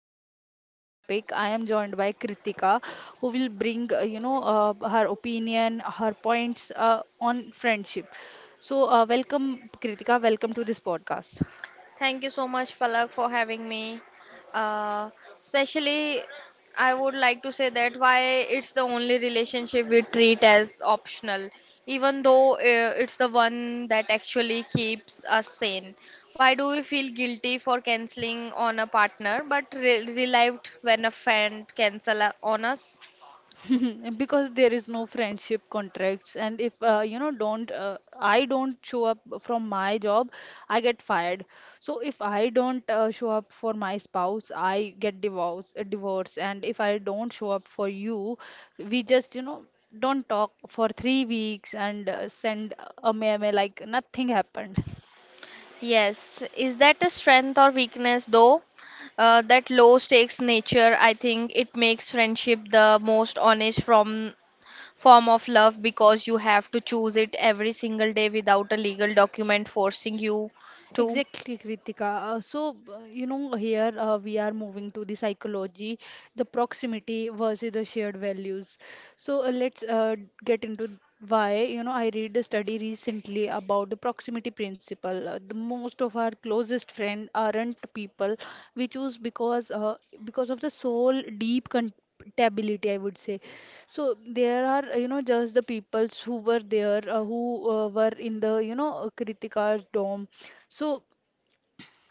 insights on this topic, I am joined by Kritika, who will bring her opinion, her points on friendship. So welcome Kritika, welcome to this podcast. Thank you so much, Palak, for having me. Uh, especially, I would like to say that why it's the only relationship we treat as optional, even though it's the one that actually keeps us sane. Why do we feel guilty for canceling on a partner, but re relieved when a friend cancel on us? Because there is no friendship contracts, and if don't I don't show up from my job, I get fired. So if I don't show up for my spouse, I get divorce, divorce. And if I don't show up for you, we just, you know, don't talk for 3 weeks and send a meme like nothing happened. Yes, is that a strength or weakness though? That low stakes nature, I think it makes friendship the most honest from form of love because you have to choose it every single day without a legal document forcing you to. Exactly, Kritika. You know, here we are moving to the psychology, the proximity versus the shared values. So, let's get into why. You know, I read a study recently about the proximity principle. The most of our closest friend aren't people we choose because of the soul deep compatibility, I would say. So there are, you know, just the peoples who were there, who were in the, you know, Kritika's dorm. So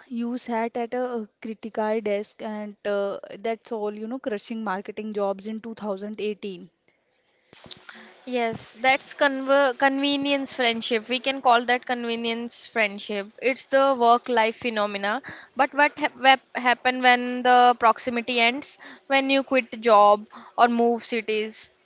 you sat at a Criticai desk, and that's all, you know, crushing marketing jobs in 2018. Yes, that's conver convenience friendship. We can call that convenience friendship. It's the work-life phenomena. But what happen when the proximity ends? When you quit job or move cities?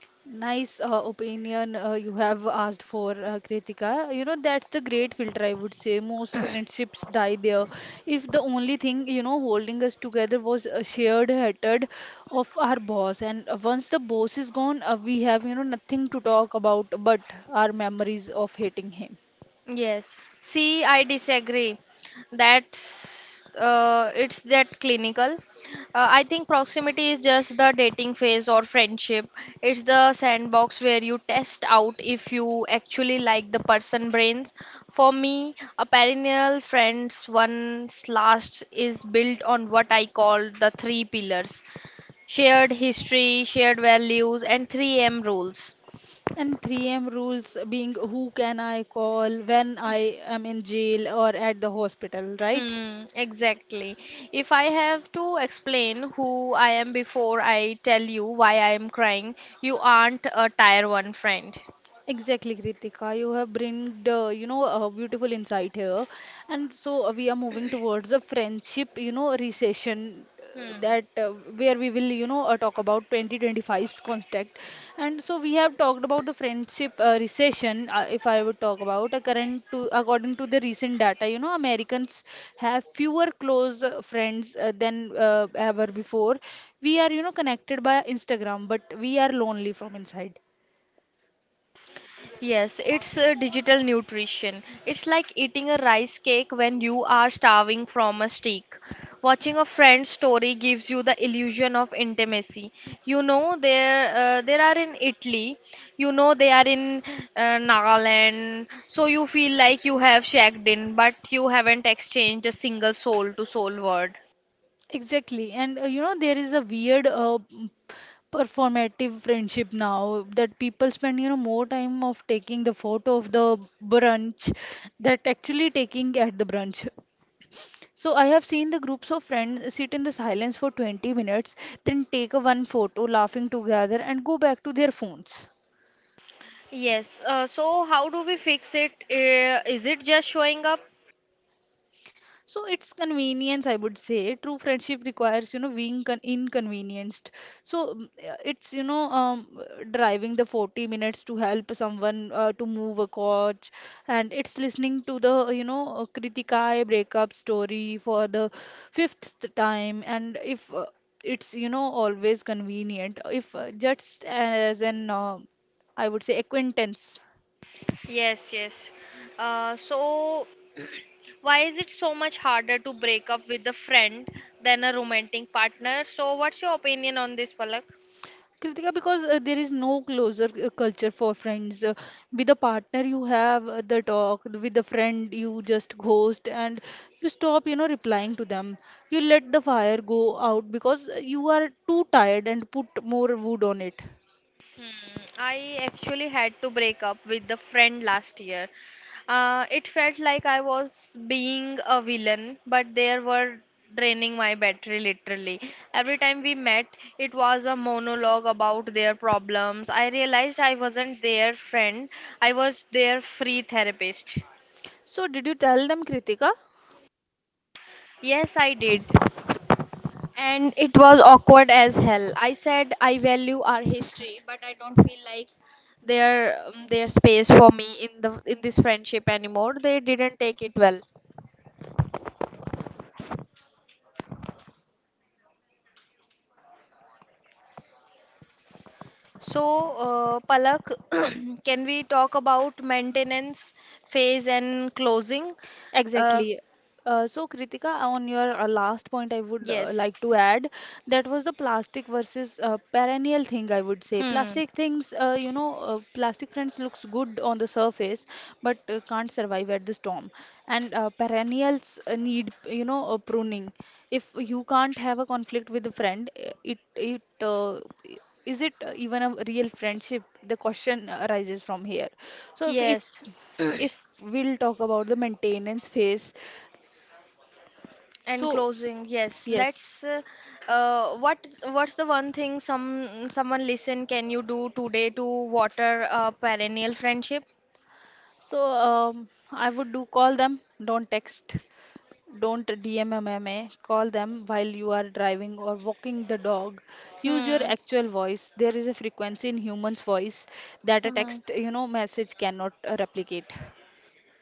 Nice opinion you have asked for, Kritika. You know, that's the great filter, I would say. Most friendships die there. If the only thing, you know, holding us together was a shared hatred of our boss, and once the boss is gone, we have, you know, nothing to talk about but our memories of hating him. Yes. See, I disagree. That's it's that clinical. I think proximity is just the dating phase or friendship. It's the sandbox where you test out if you actually like the person brains. For me, a perennial friends once lasts is built on what I call the three pillars: shared history, shared values, and 3M rules. And 3 a.m. rules being who can I call when I am in jail or at the hospital, right? Hmm, exactly. If I have to explain who I am before I tell you why I am crying, you aren't a tier one friend. Exactly, Kritika. You have bring the, you know, a beautiful insight here. And so we are moving towards a friendship, you know, recession Hmm. that where we will, you know, talk about 2025's contact. And so we have talked about the friendship recession. If I would talk about a current to according to the recent data, you know, Americans have fewer close friends than ever before. We are, you know, connected by Instagram, but we are lonely from inside. Yes, it's a digital nutrition. It's like eating a rice cake when you are starving from a steak. Watching a friend's story gives you the illusion of intimacy. There are in Italy, they are in Nagaland, so you feel like you have checked in, but you haven't exchanged a single soul to soul word. Exactly. And, you know, there is a weird performative friendship now that people spend, you know, more time of taking the photo of the brunch that actually taking at the brunch. So I have seen the groups of friends sit in the silence for 20 minutes, then take a one photo, laughing together, and go back to their phones. Yes, so how do we fix it? Is it just showing up? So it's convenience, I would say. True friendship requires, you know, being con inconvenienced. So it's, you know, driving the 40 minutes to help someone to move a couch, and it's listening to the, you know, Kritikai breakup story for the fifth time, and if it's, you know, always convenient, if just as an, I would say, acquaintance. Yes, yes. Uh, so, why is it so much harder to break up with a friend than a romantic partner? So, what's your opinion on this, Palak? Kritika, because there is no closer culture for friends. With a partner, you have the talk. With a friend, you just ghost, and you stop, you know, replying to them. You let the fire go out because you are too tired and put more wood on it. Hmm, I actually had to break up with a friend last year. It felt like I was being a villain, but they were draining my battery literally. Every time we met, it was a monologue about their problems. I realized I wasn't their friend, I was their free therapist. So, did you tell them, Kritika? Yes, I did. And it was awkward as hell. I said I value our history, but I don't feel like their space for me in the in this friendship anymore. They didn't take it well. So, Palak, can we talk about maintenance phase and closing? Uh, Exactly. So, Kritika, on your last point, I would yes. like to add that was the plastic versus perennial thing, I would say. Hmm. Plastic things, plastic friends looks good on the surface, but can't survive at the storm. And perennials need, you know, pruning. If you can't have a conflict with a friend, i- is it even a real friendship? The question arises from here. So, if Yes. if we'll talk about the maintenance phase, And so closing, yes. yes. Let's. What what's the one thing someone listen can you do today to water a perennial friendship? So I would do call them, don't text, don't dmmma call them while you are driving or walking the dog. Use your Hmm. actual voice. There is a frequency in humans voice that a Hmm. text, you know, message cannot replicate.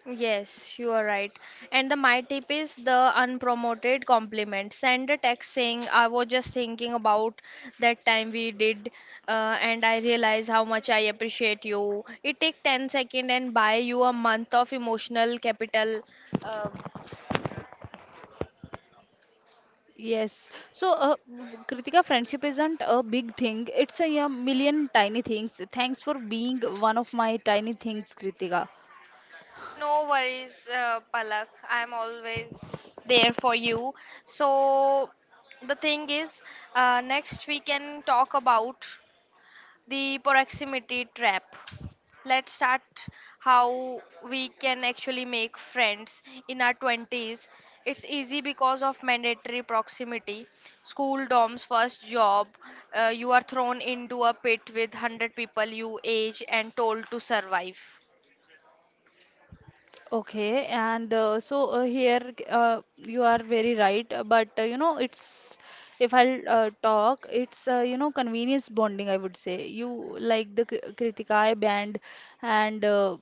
Yes, you are right. And the my tip is the unpromoted compliment. Send a text saying, I was just thinking about that time we did, and I realized how much I appreciate you. It take 10 seconds and buy you a month of emotional capital. Uh, Yes. So, Kritika, friendship isn't a big thing. It's a, yeah, million tiny things. Thanks for being one of my tiny things, Kritika. No worries, Palak. I'm always there for you. So, the thing is, next we can talk about the proximity trap. Let's start how we can actually make friends in our 20s. It's easy because of mandatory proximity. School dorms, first job, you are thrown into a pit with 100 people you age and told to survive. Okay, and here you are very right, but you know it's, if I'll talk, it's, you know, convenience bonding, I would say. You like the Kritikaya band and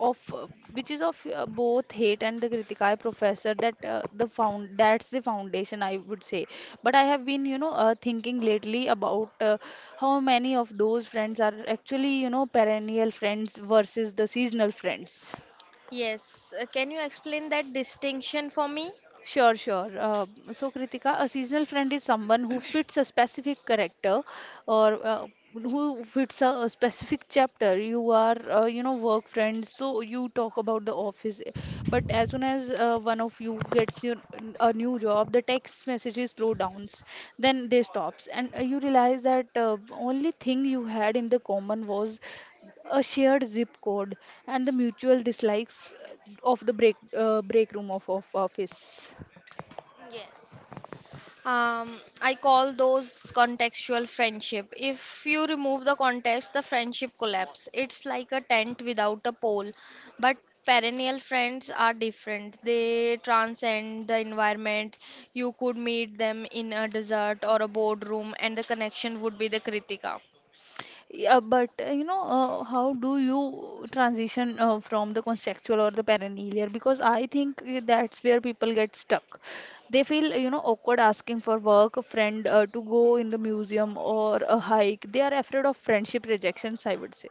of which is of both hate and the Kritikaya professor that's the foundation, I would say. But I have been, you know, thinking lately about how many of those friends are actually, you know, perennial friends versus the seasonal friends. Yes, can you explain that distinction for me? Sure, sure. So, Kritika, a seasonal friend is someone who fits a specific character or who fits a specific chapter. You are, you know, work friends, so you talk about the office. But as soon as one of you gets your, a new job, the text messages slow downs, then they stops, and you realize that only thing you had in the common was a shared zip code and the mutual dislikes of the break room of office. Yes. I call those contextual friendship. If you remove the context, the friendship collapse. It's like a tent without a pole. But perennial friends are different. They transcend the environment. You could meet them in a desert or a boardroom, and the connection would be the Kritika. Yeah, but how do you transition from the conceptual or the perennial? Because I think that's where people get stuck. They feel, you know, awkward asking for work, a friend to go in the museum or a hike. They are afraid of friendship rejections, I would say.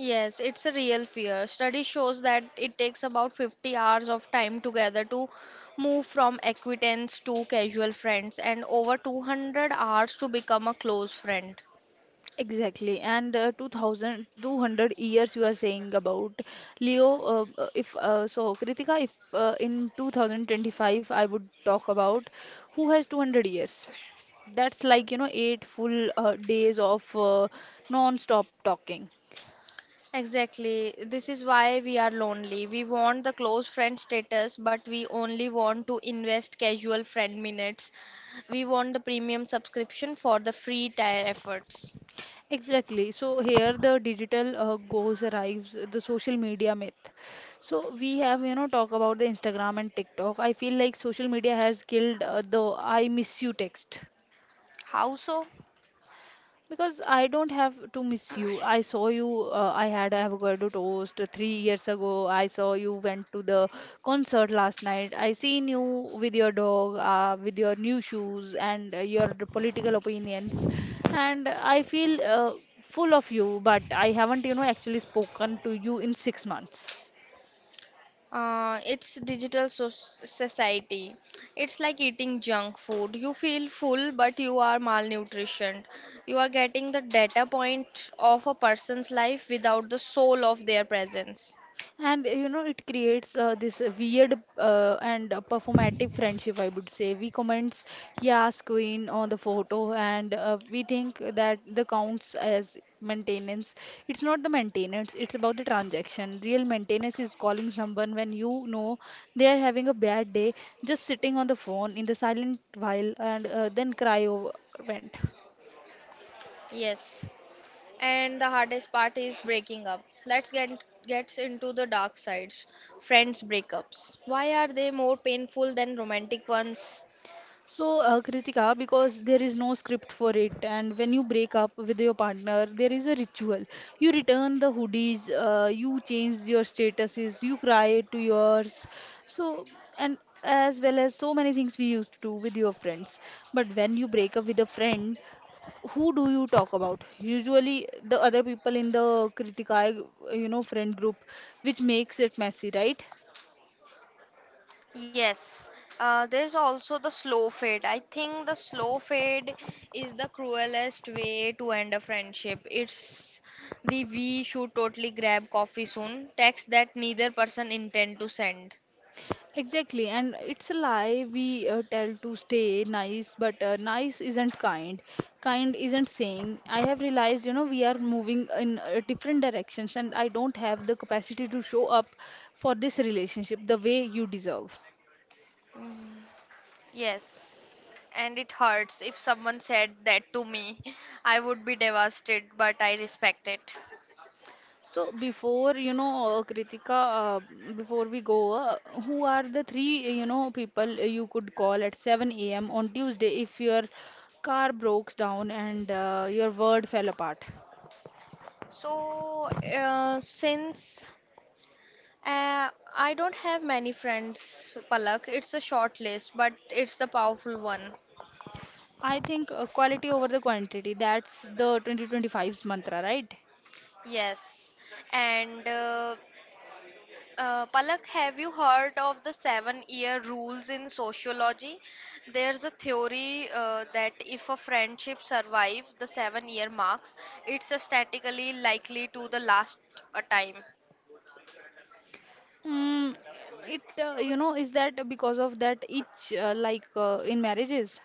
Yes, it's a real fear. Study shows that it takes about 50 hours of time together to move from acquaintance to casual friends and over 200 hours to become a close friend. Exactly, and 2000, years you are saying about Leo. If So, Kritika, if in 2025 I would talk about who has 200 years. That's like, you know, eight full days of non-stop talking. Exactly. This is why we are lonely. We want the close friend status, but we only want to invest casual friend minutes. We want the premium subscription for the free tier efforts. Exactly. So here the digital goes arrives the social media myth. So we have, you know, talk about the Instagram and TikTok. I feel like social media has killed the I miss you text. How so? Because I don't have to miss you. I saw you. I had avocado toast 3 years ago. I saw you went to the concert last night. I seen you with your dog, with your new shoes and your political opinions, and I feel full of you. But I haven't, you know, actually spoken to you in 6 months. It's digital so society. It's like eating junk food. You feel full, but you are malnutritioned. You are getting the data point of a person's life without the soul of their presence. And, you know, it creates this weird and performative friendship, I would say. We comments yes queen on the photo, and we think that the counts as maintenance. It's not the maintenance, it's about the transaction. Real maintenance is calling someone when, you know, they are having a bad day, just sitting on the phone in the silent while, and then cry over, vent. Yes. And the hardest part is breaking up. Let's gets into the dark sides. Friends breakups. Why are they more painful than romantic ones? So, Kritika, because there is no script for it, and when you break up with your partner, there is a ritual. You return the hoodies, you change your statuses, you cry to yours. So, and as well as so many things we used to do with your friends. But when you break up with a friend, who do you talk about? Usually, the other people in the Kritika, you know, friend group, which makes it messy, right? Yes, there's also the slow fade. I think the slow fade is the cruelest way to end a friendship. It's the we should totally grab coffee soon text that neither person intend to send. Exactly, and it's a lie we tell to stay nice, but nice isn't kind. Kind isn't saying. I have realized, you know, we are moving in different directions, and I don't have the capacity to show up for this relationship the way you deserve. Mm. Yes, and it hurts. If someone said that to me, I would be devastated, but I respect it. So before, you know, Kritika, before we go, who are the three, you know, people you could call at 7 a.m. on Tuesday if your car broke down and your world fell apart? So, since Uh, I don't have many friends, Palak. It's a short list, but it's the powerful one. I think quality over the quantity. That's the 2025's mantra, right? Yes. And Palak, have you heard of the 7 year rules in sociology? There's a theory that if a friendship survives the 7 year marks, it's statistically likely to the last a time. Mm, it you know is that because of that each in marriages.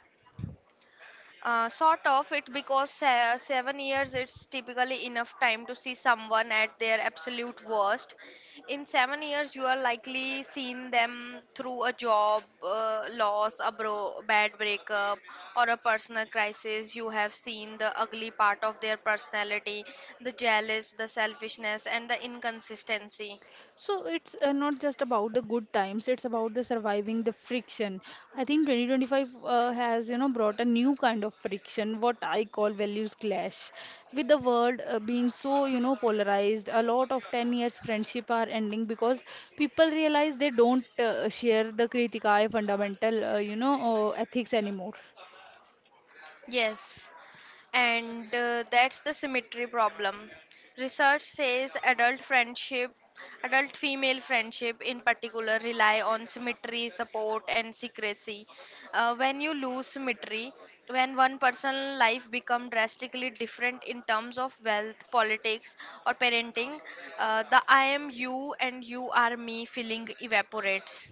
Sort of it because 7 years it's typically enough time to see someone at their absolute worst. In 7 years, you are likely seen them through a job loss, a bad breakup, or a personal crisis. You have seen the ugly part of their personality, the jealous, the selfishness, and the inconsistency. So it's not just about the good times, it's about the surviving the friction. I think 2025 has, you know, brought a new kind of friction, what I call values clash. With the world being so, you know, polarized, a lot of 10 years friendship are ending because people realize they don't share the Kritikai fundamental, ethics anymore. Yes. And that's the symmetry problem. Research says adult friendship, adult female friendship in particular, rely on symmetry, support, and secrecy. When you lose symmetry, when one person's life becomes drastically different in terms of wealth, politics, or parenting, the I am you and you are me feeling evaporates.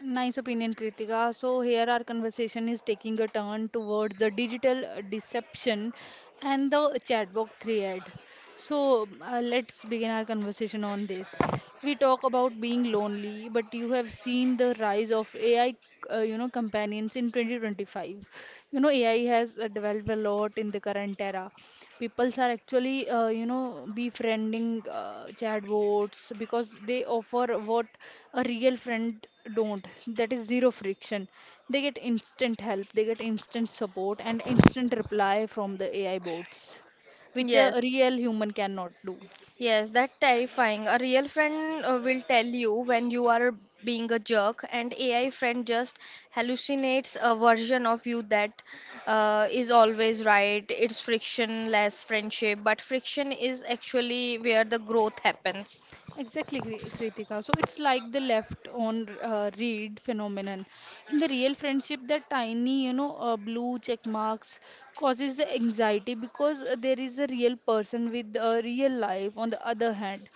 Nice opinion, Kritika. So here our conversation is taking a turn towards the digital deception and the chatbot thread. So let's begin our conversation on this. We talk about being lonely, but you have seen the rise of AI, companions in 2025. AI has developed a lot in the current era. Peoples are actually, befriending chatbots because they offer what a real friend don't. That is zero friction. They get instant help, they get instant support, and instant reply from the AI bots, which a Yes, real human cannot do. Yes, that terrifying. A real friend will tell you when you are being a jerk, and AI friend just hallucinates a version of you that is always right. It's frictionless friendship, but friction is actually where the growth happens. Exactly, Kritika. So it's like the left on read phenomenon. In the real friendship, that tiny, blue check marks causes the anxiety because there is a real person with a real life. On the other hand,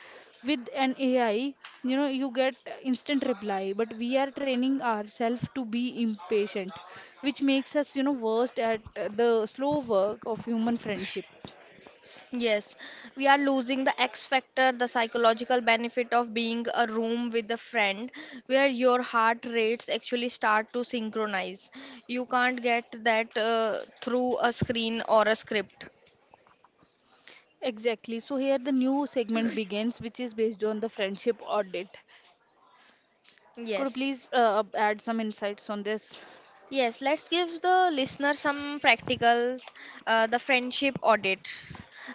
with an AI, you get instant reply, but we are training ourselves to be impatient, which makes us, worst at the slow work of human friendship. Yes, we are losing the X factor, the psychological benefit of being a room with a friend where your heart rates actually start to synchronize. You can't get that through a screen or a script. Exactly. So here the new segment begins, which is based on the friendship audit. Could you Yes. please add some insights on this? Yes, let's give the listener some practicals, the friendship audit.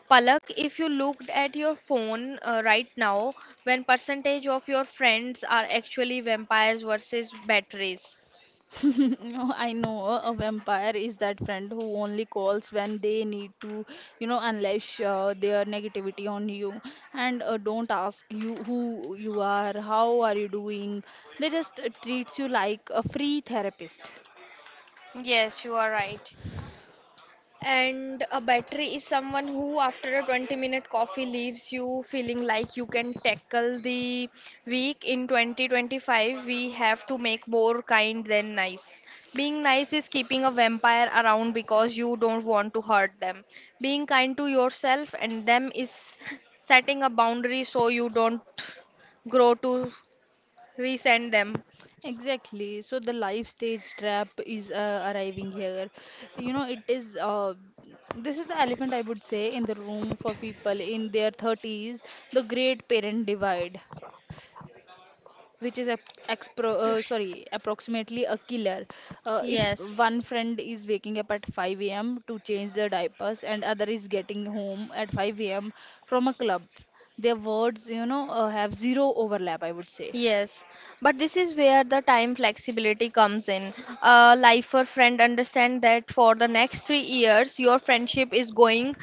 Palak, if you looked at your phone right now, when percentage of your friends are actually vampires versus batteries? No, I know a vampire is that friend who only calls when they need to, unleash their negativity on you and don't ask you who you are, how are you doing. They just treats you like a free therapist. Yes, you are right. And a battery is someone who, after a 20-minute coffee, leaves you feeling like you can tackle the week. In 2025, we have to make more kind than nice. Being nice is keeping a vampire around because you don't want to hurt them. Being kind to yourself and them is setting a boundary so you don't grow to resent them. Exactly. So the life stage trap is arriving here. You know, it is This is the elephant I would say in the room for people in their 30s, the great parent divide, which is a approximately a killer. If Yes. one friend is waking up at 5 a.m. to change their diapers and other is getting home at 5 a.m. from a club, their words, have zero overlap, I would say. Yes, but this is where the time flexibility comes in. A lifer friend understand that for the next 3 years, your friendship is going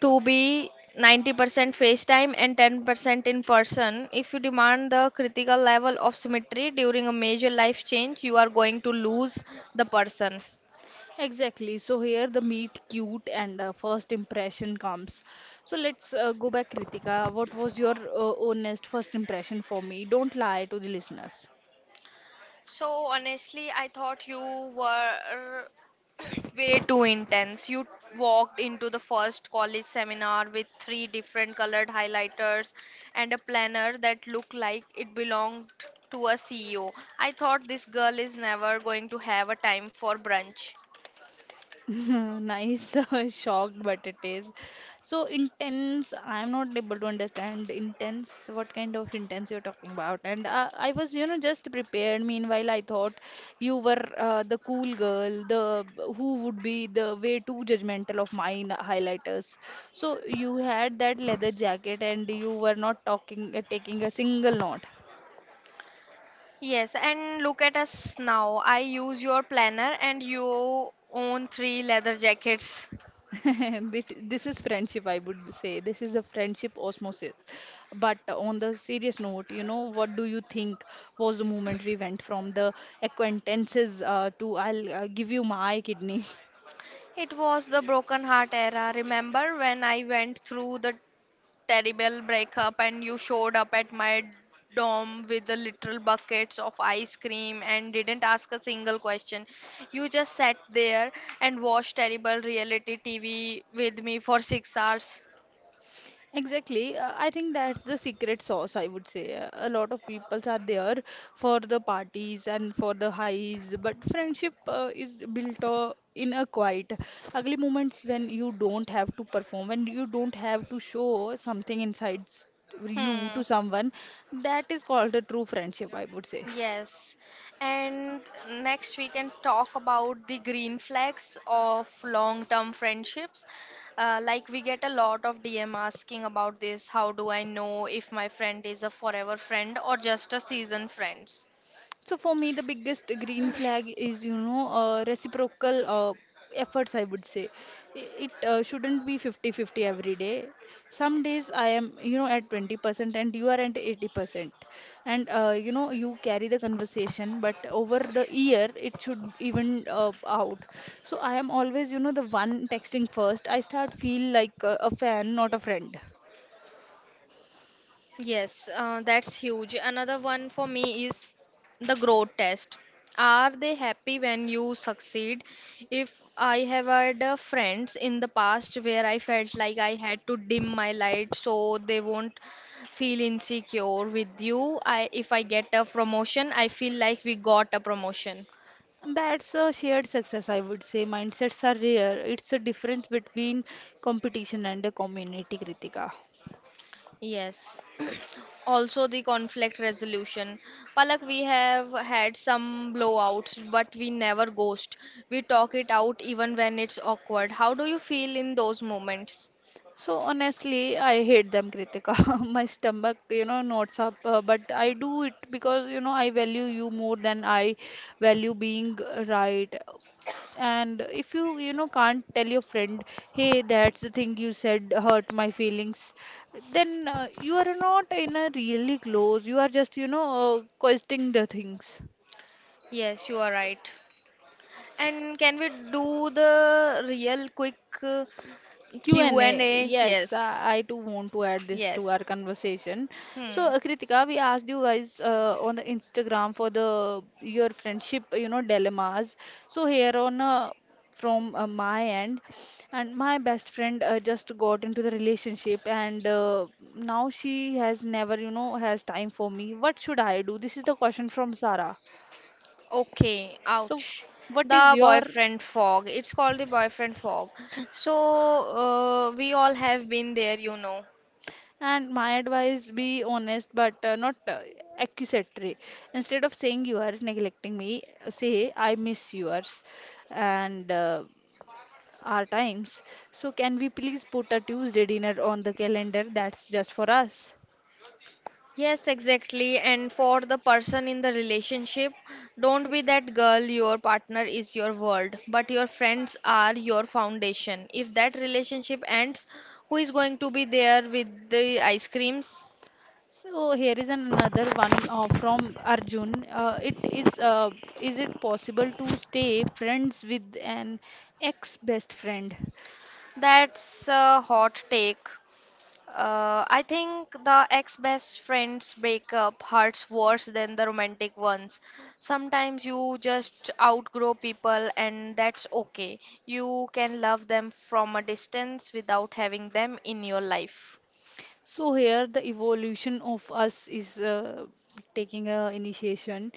to be 90% FaceTime and 10% in person. If you demand the critical level of symmetry during a major life change, you are going to lose the person. Exactly. So here the meet cute and first impression comes. So let's go back, Kritika. What was your honest first impression for me? Don't lie to the listeners. So honestly, I thought you were way too intense. You walked into the first college seminar with three different colored highlighters and a planner that looked like it belonged to a CEO. I thought this girl is never going to have a time for brunch. Nice, shocked, but it is so intense. I'm not able to understand intense. What kind of intense you're talking about? And I was, just prepared. Meanwhile, I thought you were the cool girl, the who would be the way too judgmental of mine highlighters. So you had that leather jacket, and you were not talking, taking a single note. Yes, and look at us now. I use your planner and you own three leather jackets. This is friendship, I would say. This is a friendship osmosis. But on the serious note, what do you think was the moment we went from the acquaintances to I'll give you my kidney? It was the broken heart era. Remember when I went through the terrible breakup and you showed up at my dorm with the literal buckets of ice cream and didn't ask a single question. You just sat there and watched terrible reality TV with me for 6 hours. Exactly. I think that's the secret sauce, I would say. A lot of people are there for the parties and for the highs, but friendship is built in a quiet, ugly moments when you don't have to perform, when you don't have to show something inside you to Hmm. someone. That is called a true friendship, I would say. Yes. And next we can talk about the green flags of long-term friendships. Like we get a lot of DM asking about this. How do I know if my friend is a forever friend or just a season friend? So for me, the biggest green flag is, reciprocal efforts, I would say. It shouldn't be fifty-fifty day. Some days I am, at 20% and you are at 80%. You carry the conversation, but over the year, it should even out. So I am always, the one texting first. I start feel like a fan, not a friend. Yes, that's huge. Another one for me is the growth test. Are they happy when you succeed? If I have had friends in the past where I felt like I had to dim my light so they won't feel insecure with you. I If I get a promotion, I feel like we got a promotion. That's a shared success, I would say. Mindsets are rare. It's a difference between competition and the community, Kritika. Yes, also the conflict resolution. Palak, we have had some blowouts, but we never ghost. We talk it out even when it's awkward. How do you feel in those moments? So honestly, I hate them, Kritika. My stomach, knots up, but I do it because, I value you more than I value being right. And if you, can't tell your friend, hey, that's the thing you said hurt my feelings, then you are not in a really close. You are just, questioning the things. Yes, you are right. And can we do the real quick Q&A, Q&A? yes, Yes. I too want to add this to Yes. our conversation. So, Hmm. Kritika, we asked you guys on the Instagram for the your friendship, dilemmas. So here on from my end, and my best friend just got into the relationship, and now she has never, has time for me. What should I do? This is the question from Sarah. Okay. So, Ouch. what is The your boyfriend fog. It's called the boyfriend fog. So, we all have been there, you know. And my advice be honest but not accusatory. Instead of saying you are neglecting me, say I miss yours and our times. So, can we please put a Tuesday dinner on the calendar that's just for us? Yes, exactly. And for the person in the relationship, don't be that girl. Your partner is your world, but your friends are your foundation. If that relationship ends, who is going to be there with the ice creams? So here is another one from Arjun. It is Is it possible to stay friends with an ex best friend? That's a hot take. I think the ex-best friends break up hurts worse than the romantic ones. Sometimes you just outgrow people, and that's okay. You can love them from a distance without having them in your life. So here the evolution of us is taking a initiation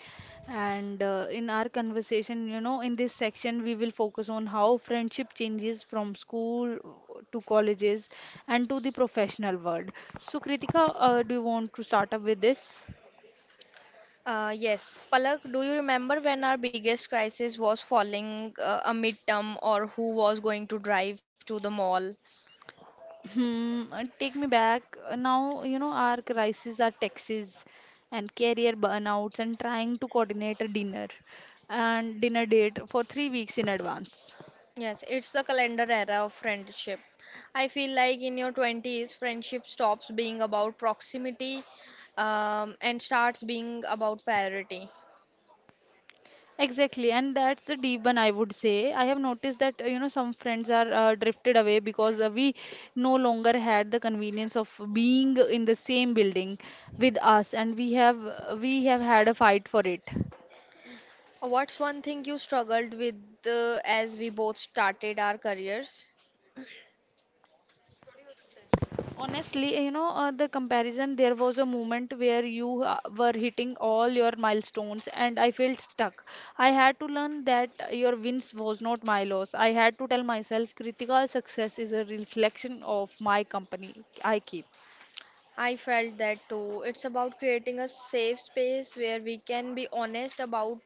and in our conversation you know in this section we will focus on how friendship changes from school to colleges and to the professional world. So Kritika do you want to start up with this? Yes, Palak, do you remember when our biggest crisis was falling a midterm or who was going to drive to the mall? Hmm, take me back. Now, our crises are taxes and career burnouts and trying to coordinate a dinner and dinner date for 3 weeks in advance. Yes, it's the calendar era of friendship. I feel like in your 20s, friendship stops being about proximity and starts being about priority. Exactly, and that's the deep one I would say. I have noticed that some friends are drifted away because we no longer had the convenience of being in the same building with us, and we have had a fight for it. What's one thing you struggled with as we both started our careers? Honestly, the comparison. There was a moment where you were hitting all your milestones, and I felt stuck. I had to learn that your wins was not my loss. I had to tell myself, Kritika, success is a reflection of my company I keep. I felt that too. It's about creating a safe space where we can be honest about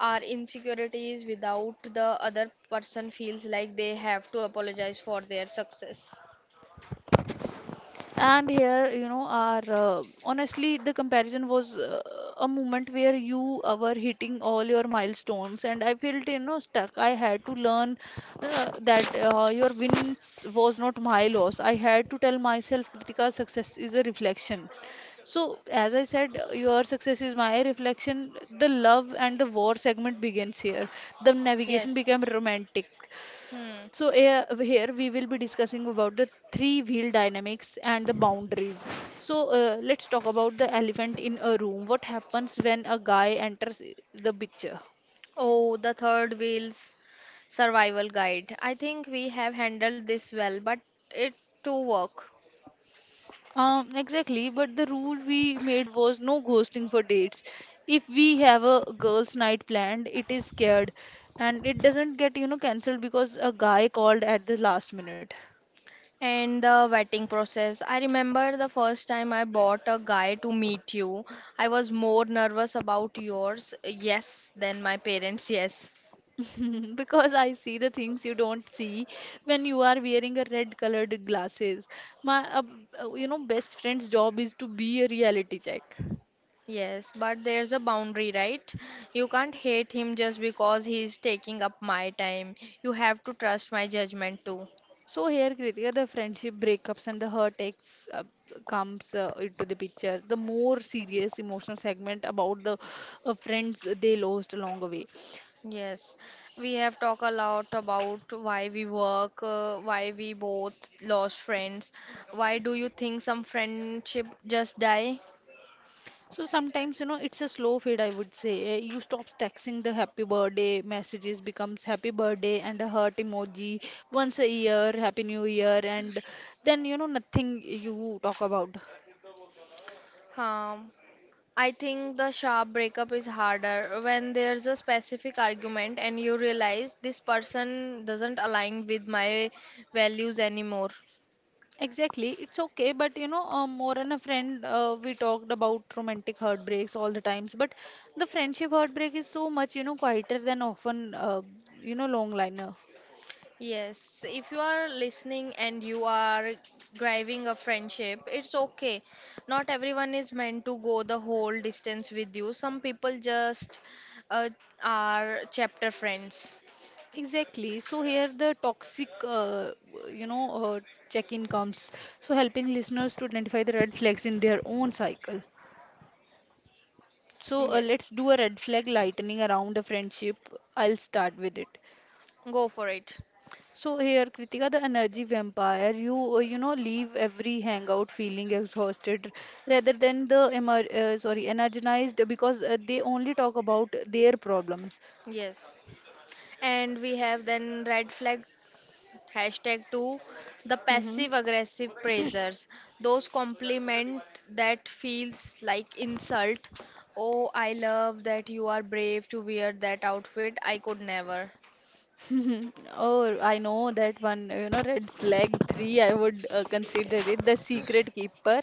our insecurities without the other person feels like they have to apologize for their success. And here, you know, our honestly, the comparison was a moment where you were hitting all your milestones, and I felt, stuck. I had to learn that your wins was not my loss. I had to tell myself, Kritika, success is a reflection. So, as I said, your success is my reflection. The love and the war segment begins here. The navigation Yes. became romantic. Hmm. So here we will be discussing about the three-wheel dynamics and the boundaries. So let's talk about the elephant in a room. What happens when a guy enters the picture? Oh, the third wheel's survival guide. I think we have handled this well, but it to work. Exactly, but the rule we made was no ghosting for dates. If we have a girls' night planned, it is scared and it doesn't get, cancelled because a guy called at the last minute. And the vetting process. I remember the first time I bought a guy to meet you. I was more nervous about yours, yes, than my parents, yes. Because I see the things you don't see when you are wearing a red colored glasses. My best friend's job is to be a reality check. Yes, but there's a boundary, right? You can't hate him just because he's taking up my time. You have to trust my judgment too. So here, Kritika, the friendship breakups and the hurt ex comes into the picture. The more serious emotional segment about the friends they lost along the way. Yes, we have talked a lot about why we work, why we both lost friends. Why do you think some friendship just die? So sometimes, it's a slow fade, I would say. You stop texting the happy birthday messages becomes happy birthday and a heart emoji once a year, happy new year, and then, nothing you talk about. Um, I think the sharp breakup is harder when there's a specific argument and you realize this person doesn't align with my values anymore. Exactly, it's okay, but more than a friend, we talked about romantic heartbreaks all the times, but the friendship heartbreak is so much, quieter than often, long liner. Yes, if you are listening and you are driving a friendship, it's okay. Not everyone is meant to go the whole distance with you. Some people just uh, are chapter friends. Exactly. So here the toxic, you know, uh, check-in comes. So helping listeners to identify the red flags in their own cycle. So Yes, let's do a red flag lightening around the friendship. I'll start with it. go for it. So here, Kritika, the energy vampire, you you know leave every hangout feeling exhausted rather than the emer sorry energized because they only talk about their problems. Yes. And we have then red flag Hashtag 2 the Mm-hmm. passive aggressive praisers. Those compliment that feels like insult. Oh, I love that you are brave to wear that outfit. I could never. Oh, I know that one, red flag three, I would consider it the secret keeper.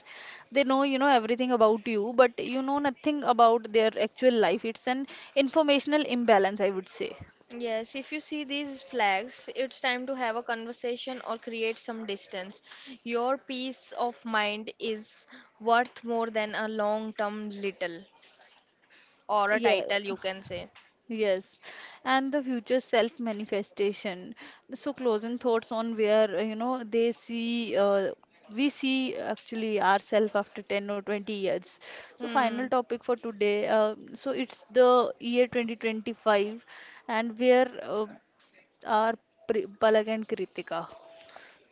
They know, everything about you, but you know nothing about their actual life. It's an informational imbalance, I would say. Yes, if you see these flags, it's time to have a conversation or create some distance. Your peace of mind is worth more than a long term little or a Yeah, title, you can say. Yes, and the future self manifestation. So, closing thoughts on where you know they see we see actually ourselves after 10 or 20 years. So, final Hmm. topic for today. It's the year 2025 and where are Palak and Kritika.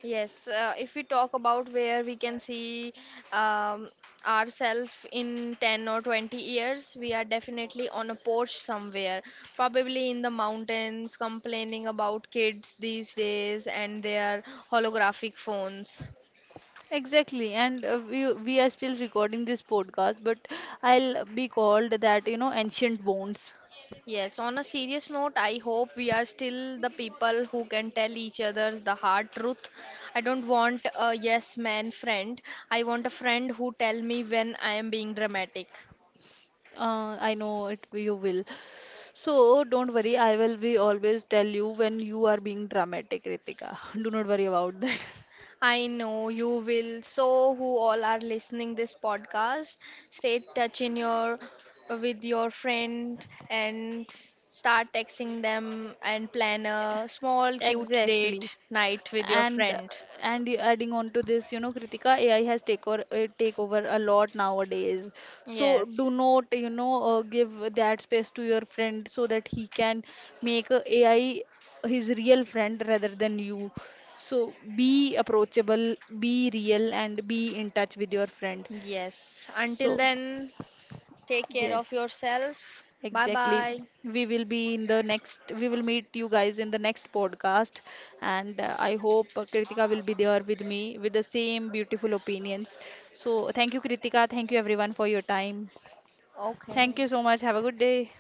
Yes, if we talk about where we can see um, ourselves in 10 or 20 years, we are definitely on a porch somewhere, probably in the mountains, complaining about kids these days and their holographic phones. Exactly, and we are still recording this podcast, but I'll be called that you know ancient bones. Yes, on a serious note, I hope we are still the people who can tell each others the hard truth. I don't want a yes man friend. I want a friend who tell me when I am being dramatic. I know it you will. So don't worry, I will be always tell you when you are being dramatic, Ritika. Do not worry about that. I know you will. So, who all are listening this podcast, stay touch in your with your friend and start texting them and plan a small cute Exactly. date night with your And friend. and adding on to this, Kritika, AI has take over, take over a lot nowadays. So Yes. do not, give that space to your friend so that he can make a AI his real friend rather than you. So be approachable, be real, and be in touch with your friend. Yes. Until So, then, take care yes, of yourself. Bye bye. exactly. We will be in the next, we will meet you guys in the next podcast. And I hope Kritika will be there with me with the same beautiful opinions. So, thank you, Kritika. Thank you, everyone, for your time. Thank Okay. you so much. Have a good day.